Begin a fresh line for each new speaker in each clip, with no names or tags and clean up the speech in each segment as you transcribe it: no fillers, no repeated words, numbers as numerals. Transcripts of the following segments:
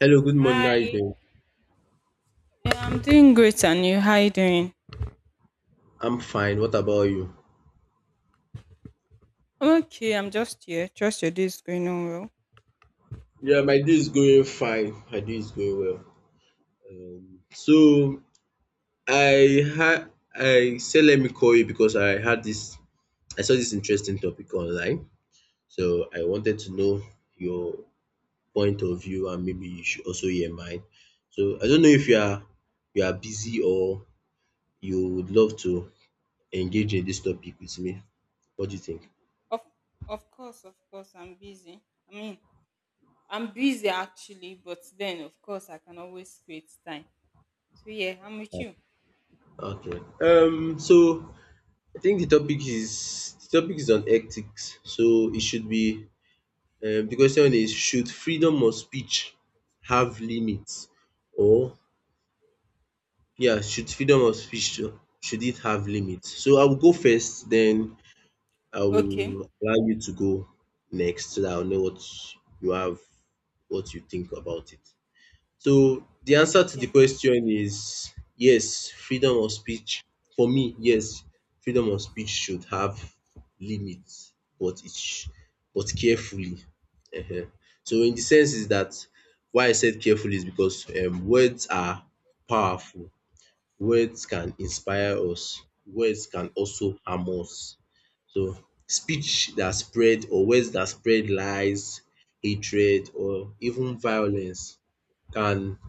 Hello, good morning.
Hi,
How you doing?
I'm doing great, and you? How you doing?
I'm fine. What about you?
I'm okay. I'm just here. Trust your day is going on well.
Yeah, my day is going fine. My day is going well. So I said let me call you because I saw this interesting topic online. So I wanted to know your point of view and maybe you should also hear mine. So I don't know if you are you are busy or you would love to engage in this topic with me. What do you think?
Of of course, I'm busy. I mean, I'm busy actually, but then of course I can always create time. So yeah, I'm with you.
Okay. So I think the topic is on ethics, so it should be, the question is, should freedom of speech have limits, or yeah, should freedom of speech, should it have limits? So I will go first, then I
Okay.
will allow you to go next so that I'll know what you have, what you think about it. So the answer to the
Okay.
question is yes, freedom of speech. For me, yes, freedom of speech should have limits, but but carefully. Ehen. So in the sense is that why I said carefully is because, words are powerful. Words can inspire us. Words can also harm us. So speech that spread or words that spread lies, hatred, or even violence can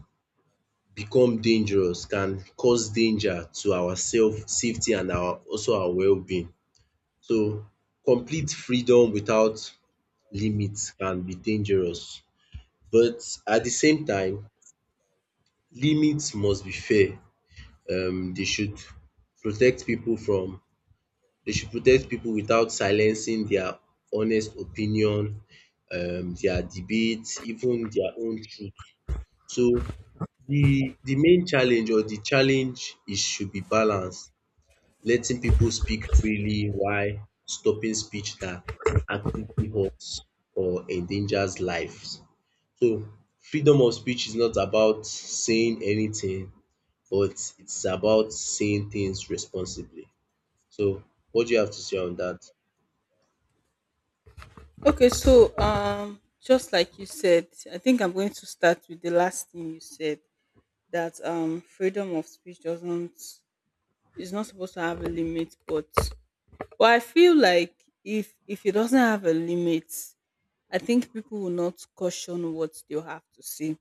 become dangerous, can cause danger to our self safety and our also our well-being. So complete freedom without limits can be dangerous, but at the same time limits must be fair. They should protect people from, they should protect people without silencing their honest opinion, their debate, even their own truth. So the main challenge or the challenge is should be balance, letting people speak freely while stopping speech that actively hurts or endangers lives. So freedom of speech is not about saying anything, but it's about saying things responsibly. So what do you have to say on that?
Okay. Just like you said, I think I'm going to start with the last thing you said that freedom of speech doesn't is not supposed to have a limit, but well, I feel like if it doesn't have a limit, I think people will not caution what they'll have to say.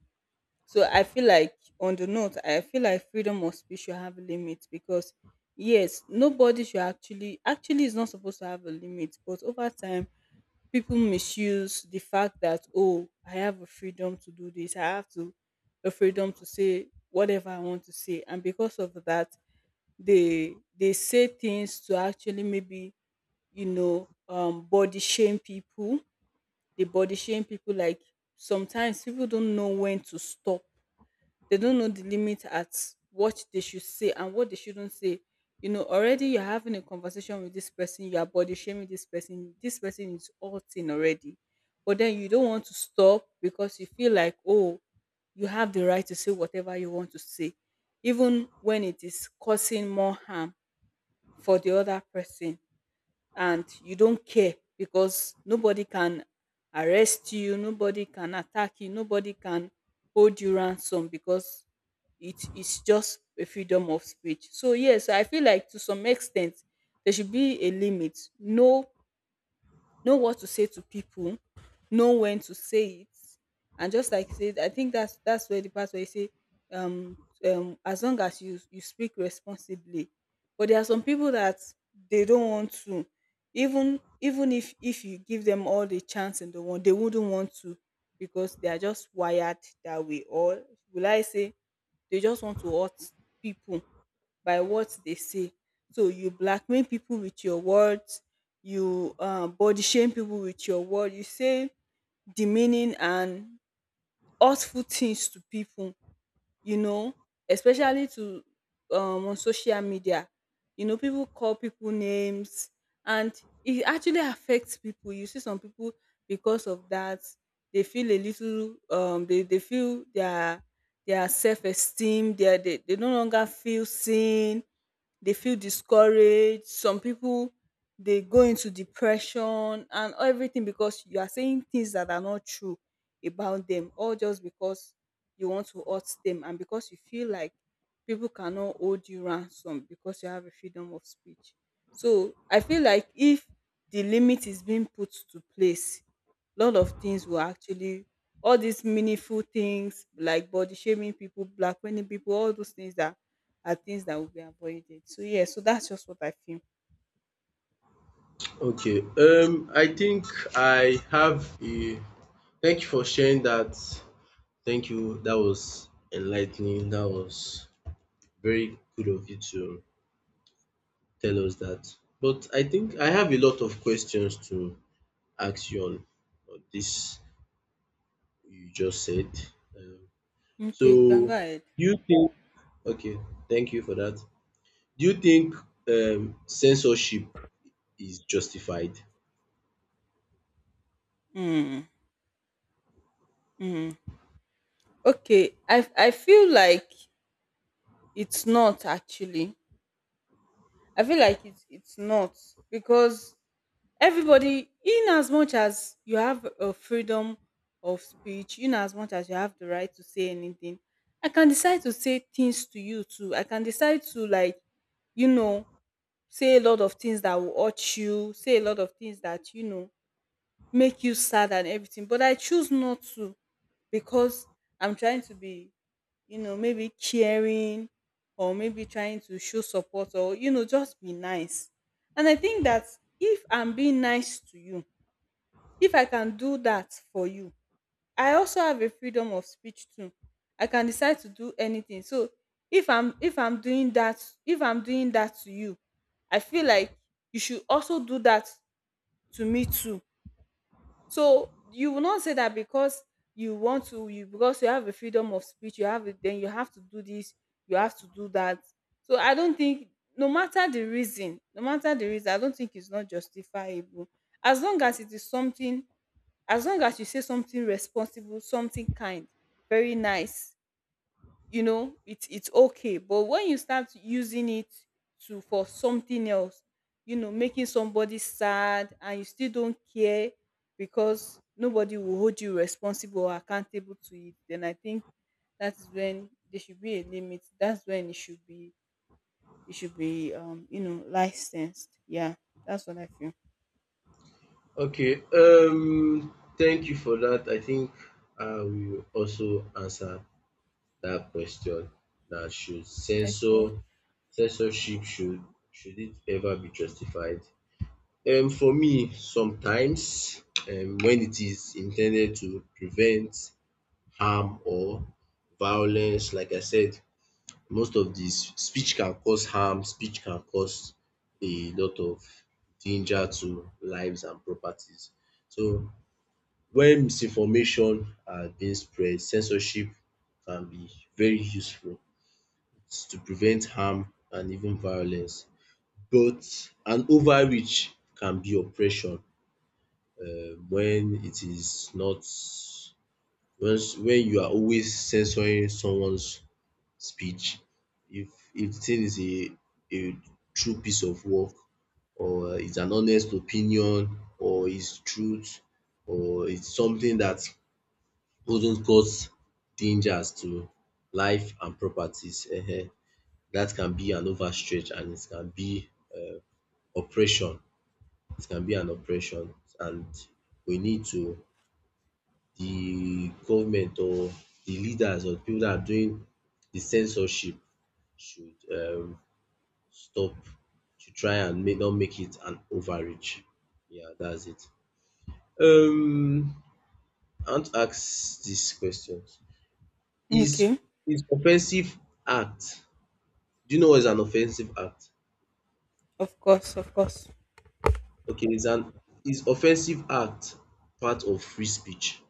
So I feel like on the note, I feel like freedom of speech should have a limit because yes, nobody should actually is not supposed to have a limit, but over time people misuse the fact that, oh, I have a freedom to do this, I have to a freedom to say whatever I want to say. And because of that, they say things to actually maybe, you know, body shame people. They body shame people. Like sometimes people don't know when to stop. They don't know the limit at what they should say and what they shouldn't say. You know, already you're having a conversation with this person, you are body shaming this person is hurting already. But then you don't want to stop because you feel like, oh, you have the right to say whatever you want to say, even when it is causing more harm for the other person, and you don't care because nobody can arrest you, nobody can attack you, nobody can hold you ransom because it is just a freedom of speech. So yes, I feel like to some extent there should be a limit. No, know what to say to people, know when to say it. And just like said, I think that's where the part where you say, um, as long as you speak responsibly. But there are some people that they don't want to, even if you give them all the chance in the world, they wouldn't want to because they are just wired that way. Or, will I say, they just want to hurt people by what they say. So you blackmail people with your words, you body shame people with your word, you say demeaning and hurtful things to people, you know, especially to, on social media. You know, people call people names, and it actually affects people. You see some people, because of that, they feel a little they feel their self-esteem, they no longer feel seen, they feel discouraged. Some people they go into depression and everything because you are saying things that are not true about them, all just because you want to hurt them and because you feel like people cannot hold you ransom because you have a freedom of speech. So I feel like if the limit is being put to place, lot of things will actually, all these meaningful things like body shaming people, blackmailing people, all those things, that are things that will be avoided. So yeah, so that's just what I feel.
Okay, I think I have a thank you for sharing that. Thank you. That was enlightening. That was very good of you to tell us that. But I think I have a lot of questions to ask you on this you just said. Um, so,
Okay, you can go ahead.
do you think, okay, thank you for that. Do you think, censorship is justified?
Mm, mm. Okay, I feel like it's not actually. I feel like it's not because everybody, in as much as you have a freedom of speech, in as much as you have the right to say anything, I can decide to say things to you too. I can decide to, like, you know, say a lot of things that will hurt you, say a lot of things that, you know, make you sad and everything. But I choose not to because I'm trying to be, you know, maybe caring, or maybe trying to show support, or, you know, just be nice. And I think that if I'm being nice to you, if I can do that for you, I also have a freedom of speech too. I can decide to do anything. So if I'm doing that, if I'm doing that to you, I feel like you should also do that to me too, so you will not say that because you want to, you, because you have a freedom of speech, you have it, then you have to do this, you have to do that. So I don't think, no matter the reason, no matter the reason, I don't think it's not justifiable. As long as it is something, as long as you say something responsible, something kind, very nice, you know, it's okay, but when you start using it to for something else, you know, making somebody sad and you still don't care because nobody will hold you responsible or accountable to it, then I think that's when there should be a limit. That's when it should be, you know, licensed. Yeah, that's what I feel.
Okay, thank you for that. I think I will also answer that question, that should censor
Okay.
censorship should it ever be justified? For me, sometimes, when it is intended to prevent harm or violence. Like I said, most of this speech can cause harm, speech can cause a lot of danger to lives and properties. So when misinformation are being spread, censorship can be very useful to prevent harm and even violence. But an overreach can be oppression when it is not once, when you are always censoring someone's speech. If the thing is a true piece of work, or it's an honest opinion, or it's truth, or it's something that doesn't cause dangers to life and properties, that can be an overstretch and it can be, uh, oppression. It can be an oppression, and we need to, the government or the leaders or the people that are doing the censorship should, stop to try and make, not make it an overreach. Yeah, that's it. Um, I want to ask this question: Is
Okay.
is offensive act? Do you know what is an offensive act?
Of course
Okay, is an is offensive act part of free speech?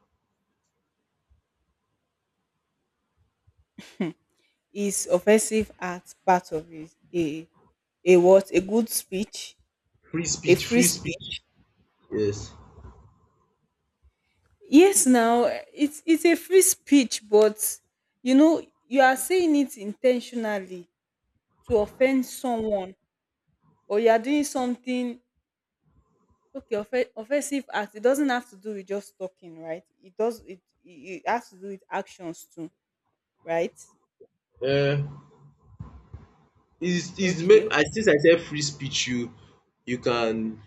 is offensive act part of it, a what, a good speech,
Free
a
speech,
free
free speech.
speech?
Yes.
Yes, now it's a free speech. But you know you are saying it intentionally to offend someone, or you are doing something. Okay, offensive act, it doesn't have to do with just talking, right? It it has to do with actions too, right?
Uh, is make
Okay.
I, since I said free speech, you can,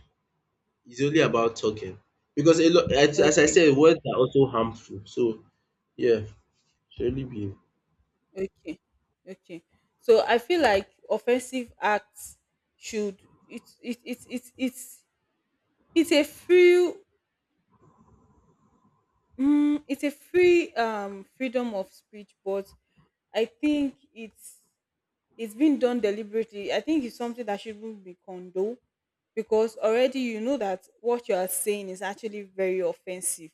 it's only about talking because a lot, as I
Okay.
said, words are also harmful. So yeah, surely be
Okay. Okay. So I feel like offensive acts should, it's a free, mm, it's a free freedom of speech, but I think it's been done deliberately. I think it's something that shouldn't be condoned because already you know that what you are saying is actually very offensive.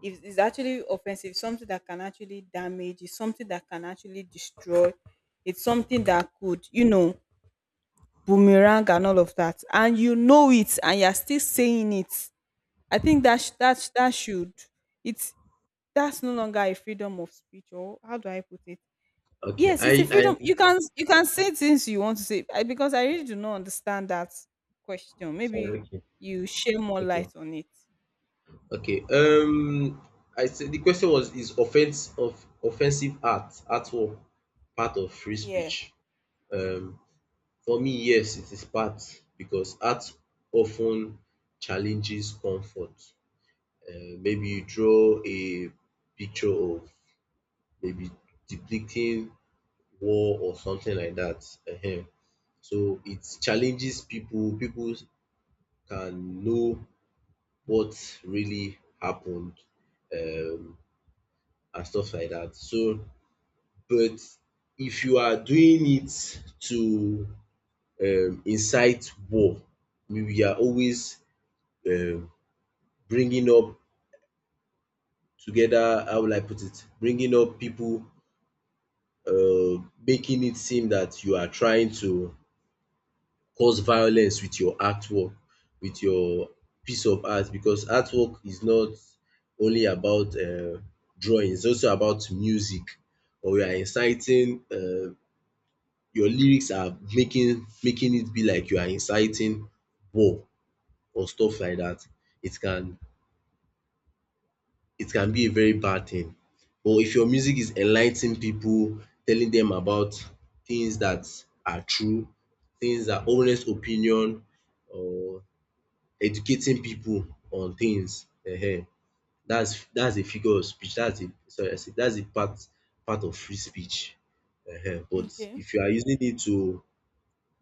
It's actually offensive, something that can actually damage, it's something that can actually destroy, it's something that could, you know, boomerang and all of that. And you know it, and you're still saying it. I think that should, it's that's no longer a freedom of speech, or how do I put it?
okay.
Yes, it's a
I
freedom. You can say things you want to say. I, because I really do not understand that question. Maybe
sorry, okay,
you share more
thank you.
light on it.
Okay. I said the question was is offense of offensive act at all part of free speech?
Yeah.
Um For me, yes, it is part because art often challenges comfort. Maybe you draw a picture of maybe depicting war or something like that. Ehen. So it challenges people. People can know what really happened, um, and stuff like that. So, but if you are doing it to, incite war, we are always, uh, bringing up together, how will I put it? Bringing up people, making it seem that you are trying to cause violence with your artwork, with your piece of art, because artwork is not only about, drawing, it's also about music. Or you are inciting, your lyrics are making it be like you are inciting war or stuff like that. It can, it can be a very bad thing. But if your music is enlightening people, telling them about things that are true, things that honest opinion, or educating people on things, that's a figure of speech that's a sorry, I said that's a part, part of free speech, but
Okay.
if you are using it to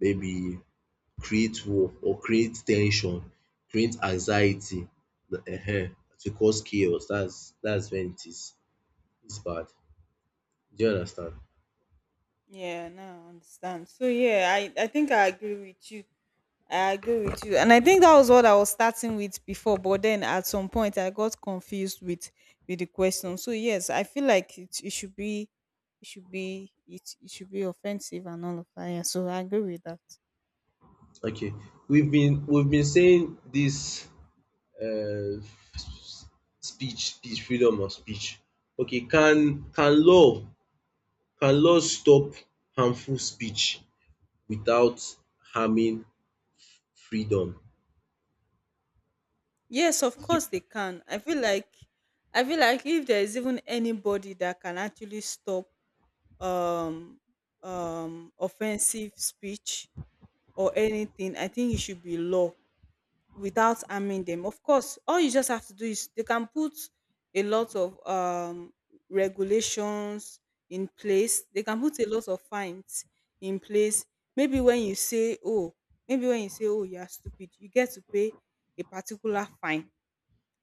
maybe create war or create tension, create anxiety, to cause chaos, that's when it is bad. Do you understand?
Yeah, now I understand. So yeah, I think I agree with you. I agree with you. And I think that was what I was starting with before, but then at some point I got confused with the question. So yes, I feel like it should be, it should be offensive and all of that. Yeah, so I agree with that.
Okay, we've been saying this, uh, speech, speech, freedom of speech. Okay, can law stop harmful speech without harming freedom?
Yes, of
Did
course
you-
they can. I feel like, I feel like if there is even anybody that can actually stop um offensive speech or anything, I think it should be law. Without harming them. Of course, all you just have to do is they can put a lot of regulations in place. They can put a lot of fines in place. Maybe when you say, "Oh," maybe when you say, "Oh, you are stupid," you get to pay a particular fine.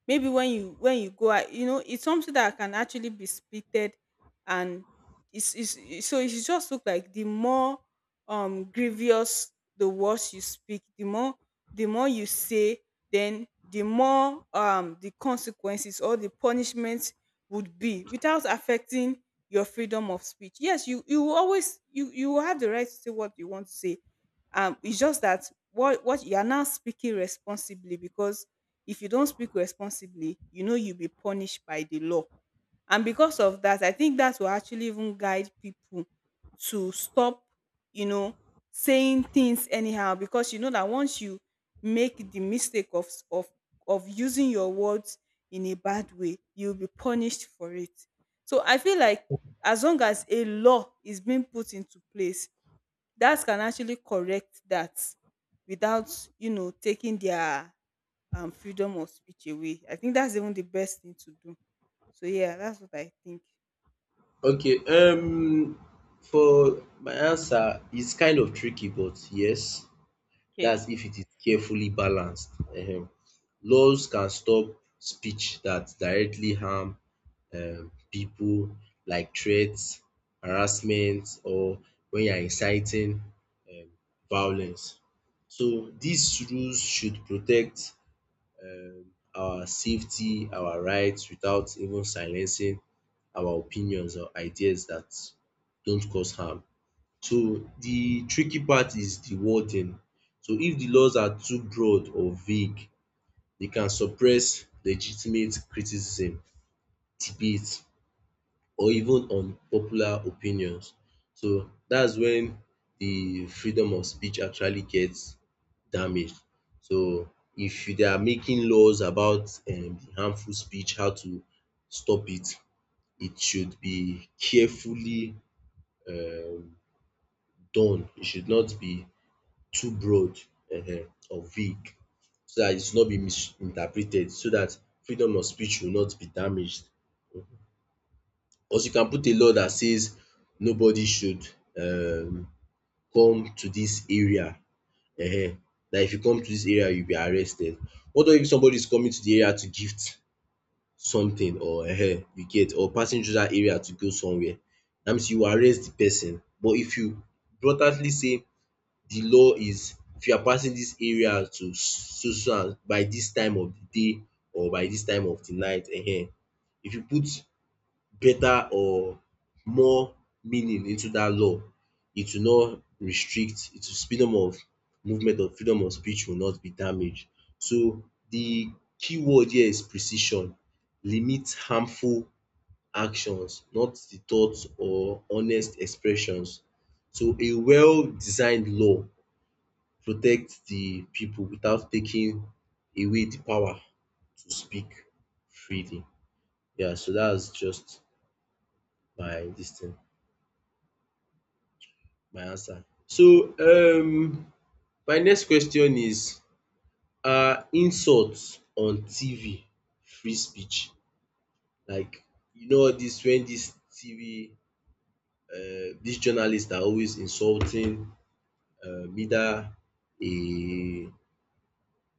Maybe when you, when you go out, you know, it's something that can actually be splitted, and so it should just look like the more grievous the words you speak, the more, the more you say, then the more the consequences or the punishment would be without affecting your freedom of speech. Yes, you will always, you will have the right to say what you want to say. It's just that what you are now speaking responsibly, because if you don't speak responsibly, you know you'll be punished by the law. And because of that, I think that will actually even guide people to stop, you know, saying things anyhow. Because you know that once you make the mistake of of of using your words in a bad way, you'll be punished for it. So I feel like as long as a law is being put into place, that can actually correct that without, you know, taking their freedom of speech away. I think that's even the best thing to do. So yeah, that's what I think.
Okay, for my answer, it's kind of tricky, but yes.
Okay.
That's if it is carefully balanced. um Laws can stop speech that directly harm pipu, like threats, harassment, or when you are inciting um violence. So these rules should protect um our safety, our rights, without even silencing our opinions or ideas that don't cause harm. So the tricky part is the wording. So if the laws are too broad or vague, they can suppress legitimate criticism, debate, or even unpopular opinions. So that's when the freedom of speech actually gets damaged. So if they are making laws about the harmful speech, how to stop it, it should be carefully um done. It should not be too broad or vague, so dat it should not be misinterpreted, so dat freedom of speech will not be damaged. Because you can put a law that says nobody should um come to dis area, um dat if you come to dis area you will be arrested. What if somebody is coming to the area to gift something, or you get, or passing through dat area to go somewhere, dat means you will arrest the person. But if you blatantly say the law is, if you are passing this area to so so, and by this time of the day or by this time of the night, if you put better or more meaning into that law, it will not restrict, it will, freedom of movement or freedom of speech will not be damaged. So the key word here is precision. Limit harmful actions, not the thoughts or honest expressions. So a well designed law protect the people without taking away the power to speak freely. Yeah, so that's just my this thing, my answer. So my next question is, are insults on TV free speech? Like you know all this when this TV, this journalists are always insulting either a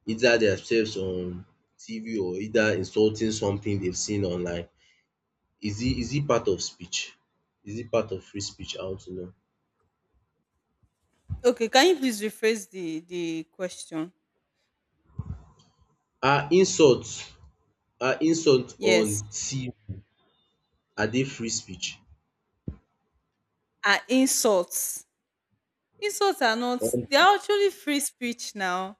either themselves on TV or either insulting something they've seen online. Is it, is it part of speech? Is it part of free speech? I want to know.
Okay. Can you please rephrase the question?
Are insults are insults
Yes.
on TV, are they free speech?
Are insults, insults are not,
Um
they are actually free speech now.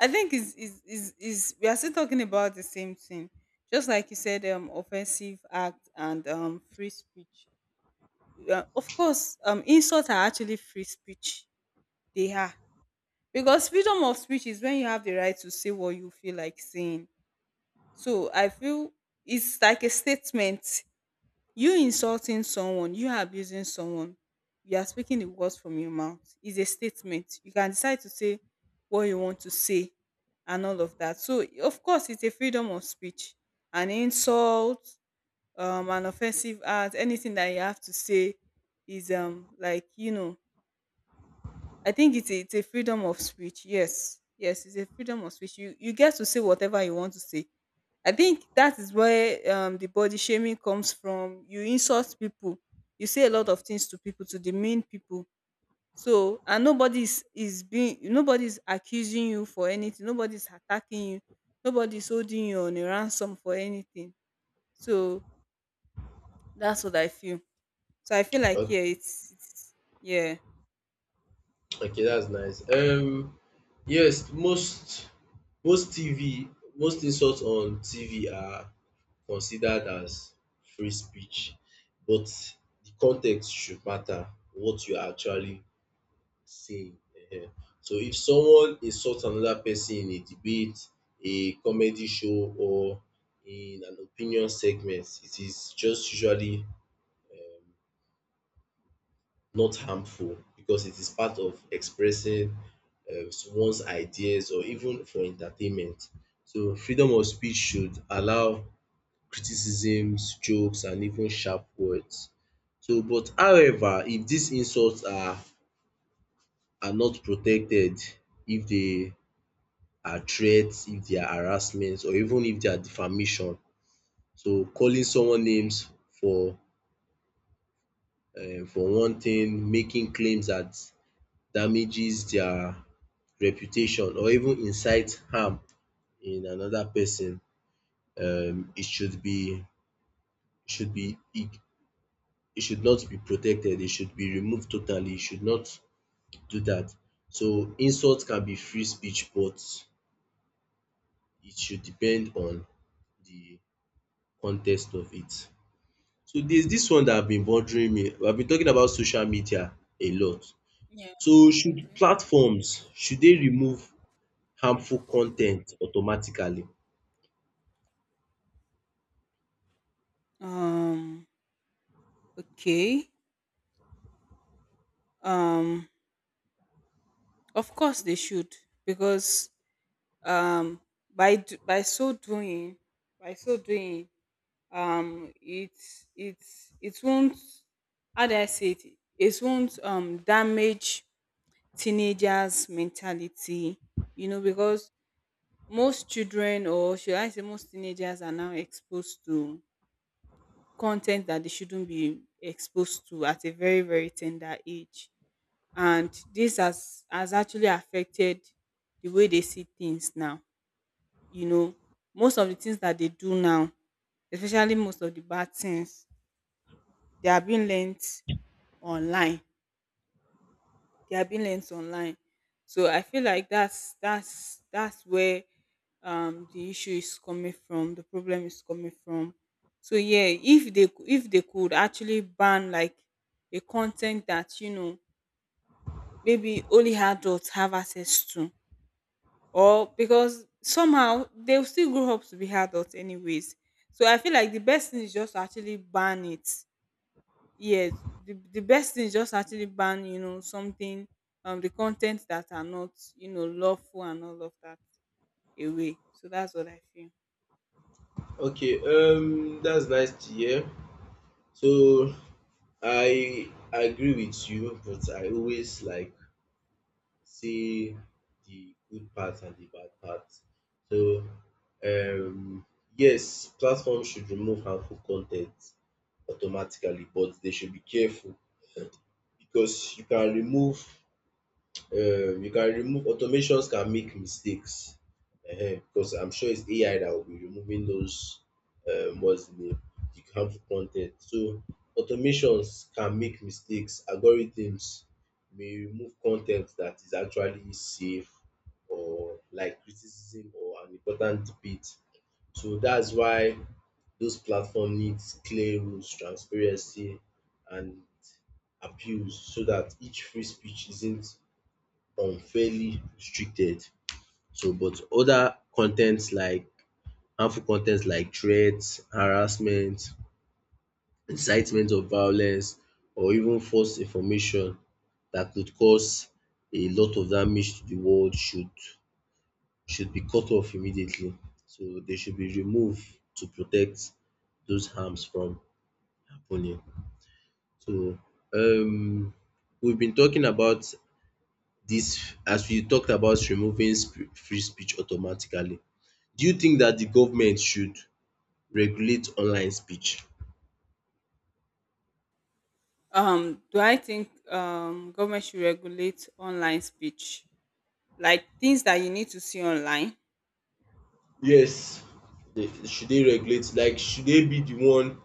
I think is we are still talking about the same thing. Just like you said, offensive act and free speech. Of course, insults are actually free speech. They are, because freedom of speech is when you have the right to say what you feel like saying. So I feel it's like a statement. You insulting someone, you abusing someone, you are speaking the words from your mouth. It's a statement. You can decide to say what you want to say and all of that. So of course it's a freedom of speech. An insult, an offensive act, anything that you have to say is I think it's a freedom of speech. Yes, yes, it's a freedom of speech. You get to say whatever you want to say. I think that is where the body shaming comes from. You insult people. You say a lot of things to people to demean people. So and nobody's is being nobody's accusing you for anything. Nobody's attacking you. Nobody's holding you on a ransom for anything. So that's what I feel. So I feel like
okay,
yeah, it's yeah.
okay, that's nice. Yes, most most TV most insults on TV are considered as free speech, but the context should matter, what you are actually say. um. So if someone insult another person in a debate, a comedy show, or in an opinion segment, it is just usually not harmful because it is part of expressing one's ideas or even for entertainment. So freedom of speech should allow criticisms, jokes, and even sharp words. So but however, if these insults are not protected, if they are threats, if they are harassment, or even if they are defamation. So calling someone names for for one thing, making claims that damages their reputation, or even incite harm in another person, it should be, should be it it should not be protected, it should be removed totally, it should not do that. So insults can be free speech, but it should depend on the context of it. So there's this one that have been bothering me. I've been talking about social media a lot.
Yeah.
So should
Okay.
platforms, should they remove harmful content automatically?
Um. Okay. um of course they should, because um by so doing, um it it it won't, how do I say it, it won't damage teenagers' mentality, you know, because most children, or should I say most teenagers, are now exposed to content that they shouldn't be exposed to at a very very tender age. And this has actually affected the way they see things now, you know. Most of the things that they do now, especially most of the bad things, they are being learned online. They are being learned online. So I feel like that's where the issue is coming from, the problem is coming from. So yeah, if they could actually ban, like, a content that, you know, maybe only adults have access to. Or, because somehow they'll still grow up to be adults anyways. So I feel like the best thing is just to actually ban it. Yes, the best thing is just actually ban, you know, something, the content that are not, you know, lawful and all of that away. So that's what I feel.
Okay, that's nice to hear. So I agree with you, but I always like see the good part and the bad part. So um yes, platforms should remove harmful content automatically, but they should be careful because you can remove, automations can make mistakes because I'm sure it's AI that will be removing those, what's the name, the harmful con ten t. So automations can make mistakes. Algorithms may remove con ten t that is actually safe, like criticism or an important debate. So that's why those platform needs clear rules, transparency and appeals so that each free speech isn't unfairly restricted. So but other contents like harmful contents like threats, harassment, incitement of violence or even false information that could cause a lot of damage to the world should be cut off immediately. So they should be removed to protect those harms from happening. So um we've been talking about this as we talked about removing free speech automatically. Do you think that the government should regulate online speech?
Do I think government should regulate online speech? Like things that you need to see online?
Yes, should they regulate? Like, should they be the one?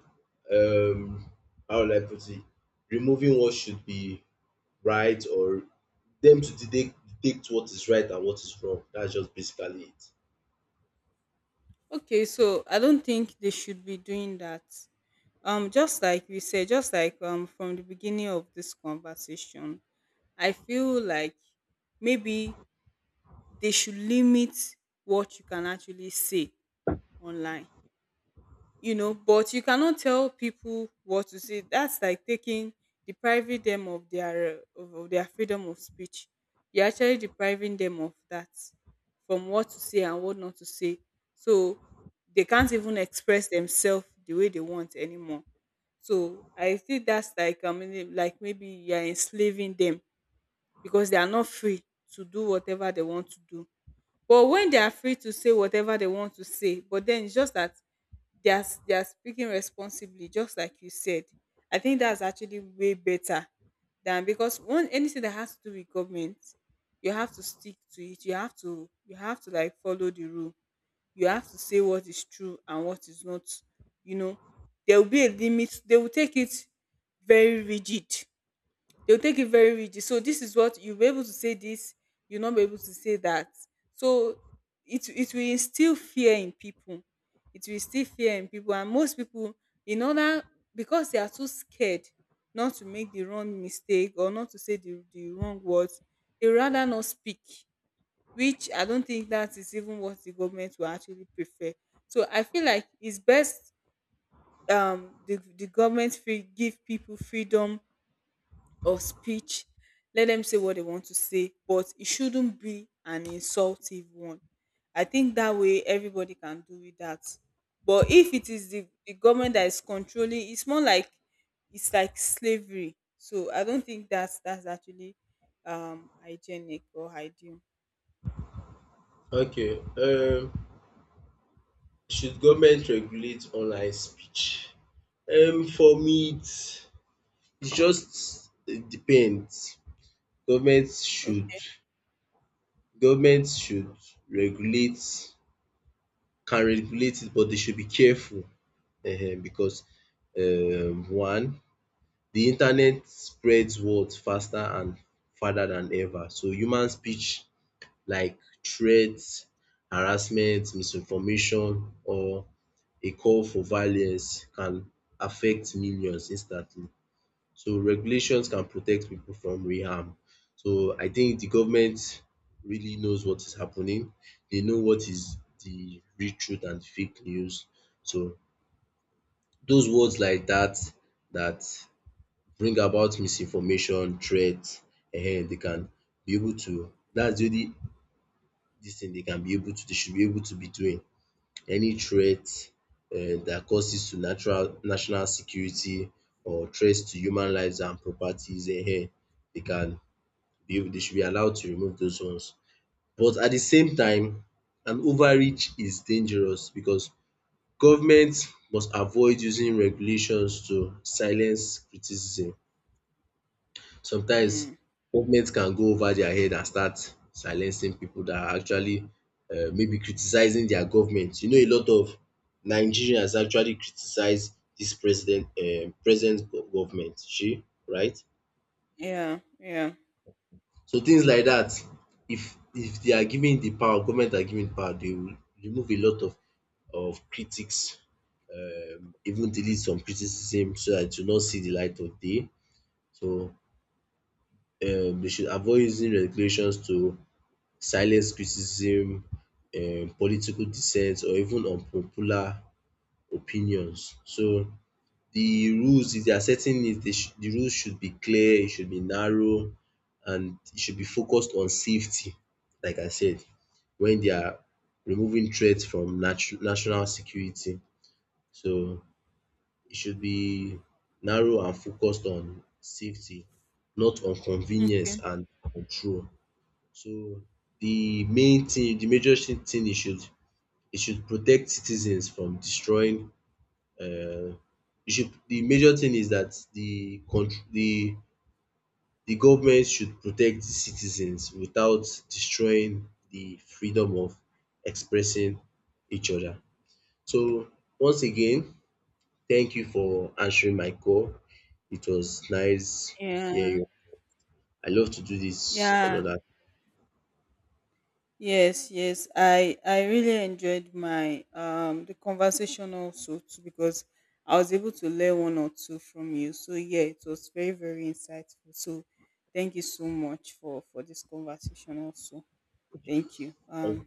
Um, how will I put it? Removing what should be right, or them to detect, detect what is right and what is wrong. That's just basically it.
Okay, so I don't think they should be doing that. Just like we said, just like from the beginning of this conversation, I feel like maybe they should limit what you can actually say online, you know. But you cannot tell people what to say. That's like taking, depriving them of their of their freedom of speech. You're actually depriving them of that, from what to say and what not to say. So they can't even express themselves the way they want anymore. So I think that's like, I mean, like, maybe you're enslaving them, because they are not free to do whatever they want to do. But when they are free to say whatever they want to say, but then it's just that they are speaking responsibly, just like you said. I think that's actually way better. Than, because one, anything that has to do with government, you have to stick to it, you have to, you have to, like, follow the rule. You have to say what is true and what is not, you know. There will be a limit. They will take it very rigid. They'll take it very rigid. So this is what you'll be able to say, this, you'll not be able to say that. So it will instill fear in people. It will instill fear in people. And most people, in order, because they are too scared not to make the wrong mistake, or not to say the wrong words, they rather not speak, which I don't think that is even what the government will actually prefer. So I feel like it's best the government free, give people freedom or speech. Let them say what they want to say, but it shouldn't be an insultive one. I think that way everybody can do with that. But if it is the government that is controlling, it's more like it's like slavery. So I don't think that's actually hygienic or ideal.
Okay. Should government regulate online speech? For me, it just it depends. Government should
Okay.
government should regulate, can regulate it, but they should be careful because one, the internet spreads words faster and farther than ever. So human speech like threats, harassment, misinformation or a call for violence can affect millions instantly. So regulations can protect people from real harm. So I think the government really knows what is happening. They know what is the real truth and fake news. So those words like that bring about misinformation, threats, they can be able to, that's the only dis thing they can be able to, they should be able to be doing. Any threat dat causes to natural national security or threats to human lives and properties, they can, they should be allowed to remove those ones. But at the same time, an overreach is dangerous because government must avoid using regulations to silence criticism. Sometimes
Mm,
government can go over their head and start silencing people that are actually maybe criticizing their government. You know a lot of Nigerians actually criticize this president, government. She right?
yeah, yeah.
So things like that, if they are given the power, government are given power, they will remove a lot of critics, even delete some criticism so that you not see the light of day. So they should avoid using regulations to silence criticism, political dissent or even unpopular opinions. So the rules, if they are setting it, they should, the rules should be clear, it should be narrow and it should be focused on safety, like I said, when they are removing threats from national security. So it should be narrow and focused on safety, not on
Mm,
convenience and control. So the main thing, the thing, it should protect citizens from destroying, um you should, the major thing is that the government should protect the citizens without destroying the freedom of expressing each other. So once again, thank you for answering my call. It was nice hearing
yeah,
you. I love to do this
yeah.
another
Yes, yes, I really enjoyed my the conversation also too, because I was able to learn one or two from you. So yeah, it was very very insightful. So thank you so much for this conversation also. Thank you.
time.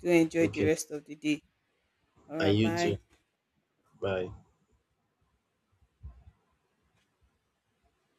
Do enjoy the
Okay,
rest of the day. All
and
right,
you too.
bye.
Bye.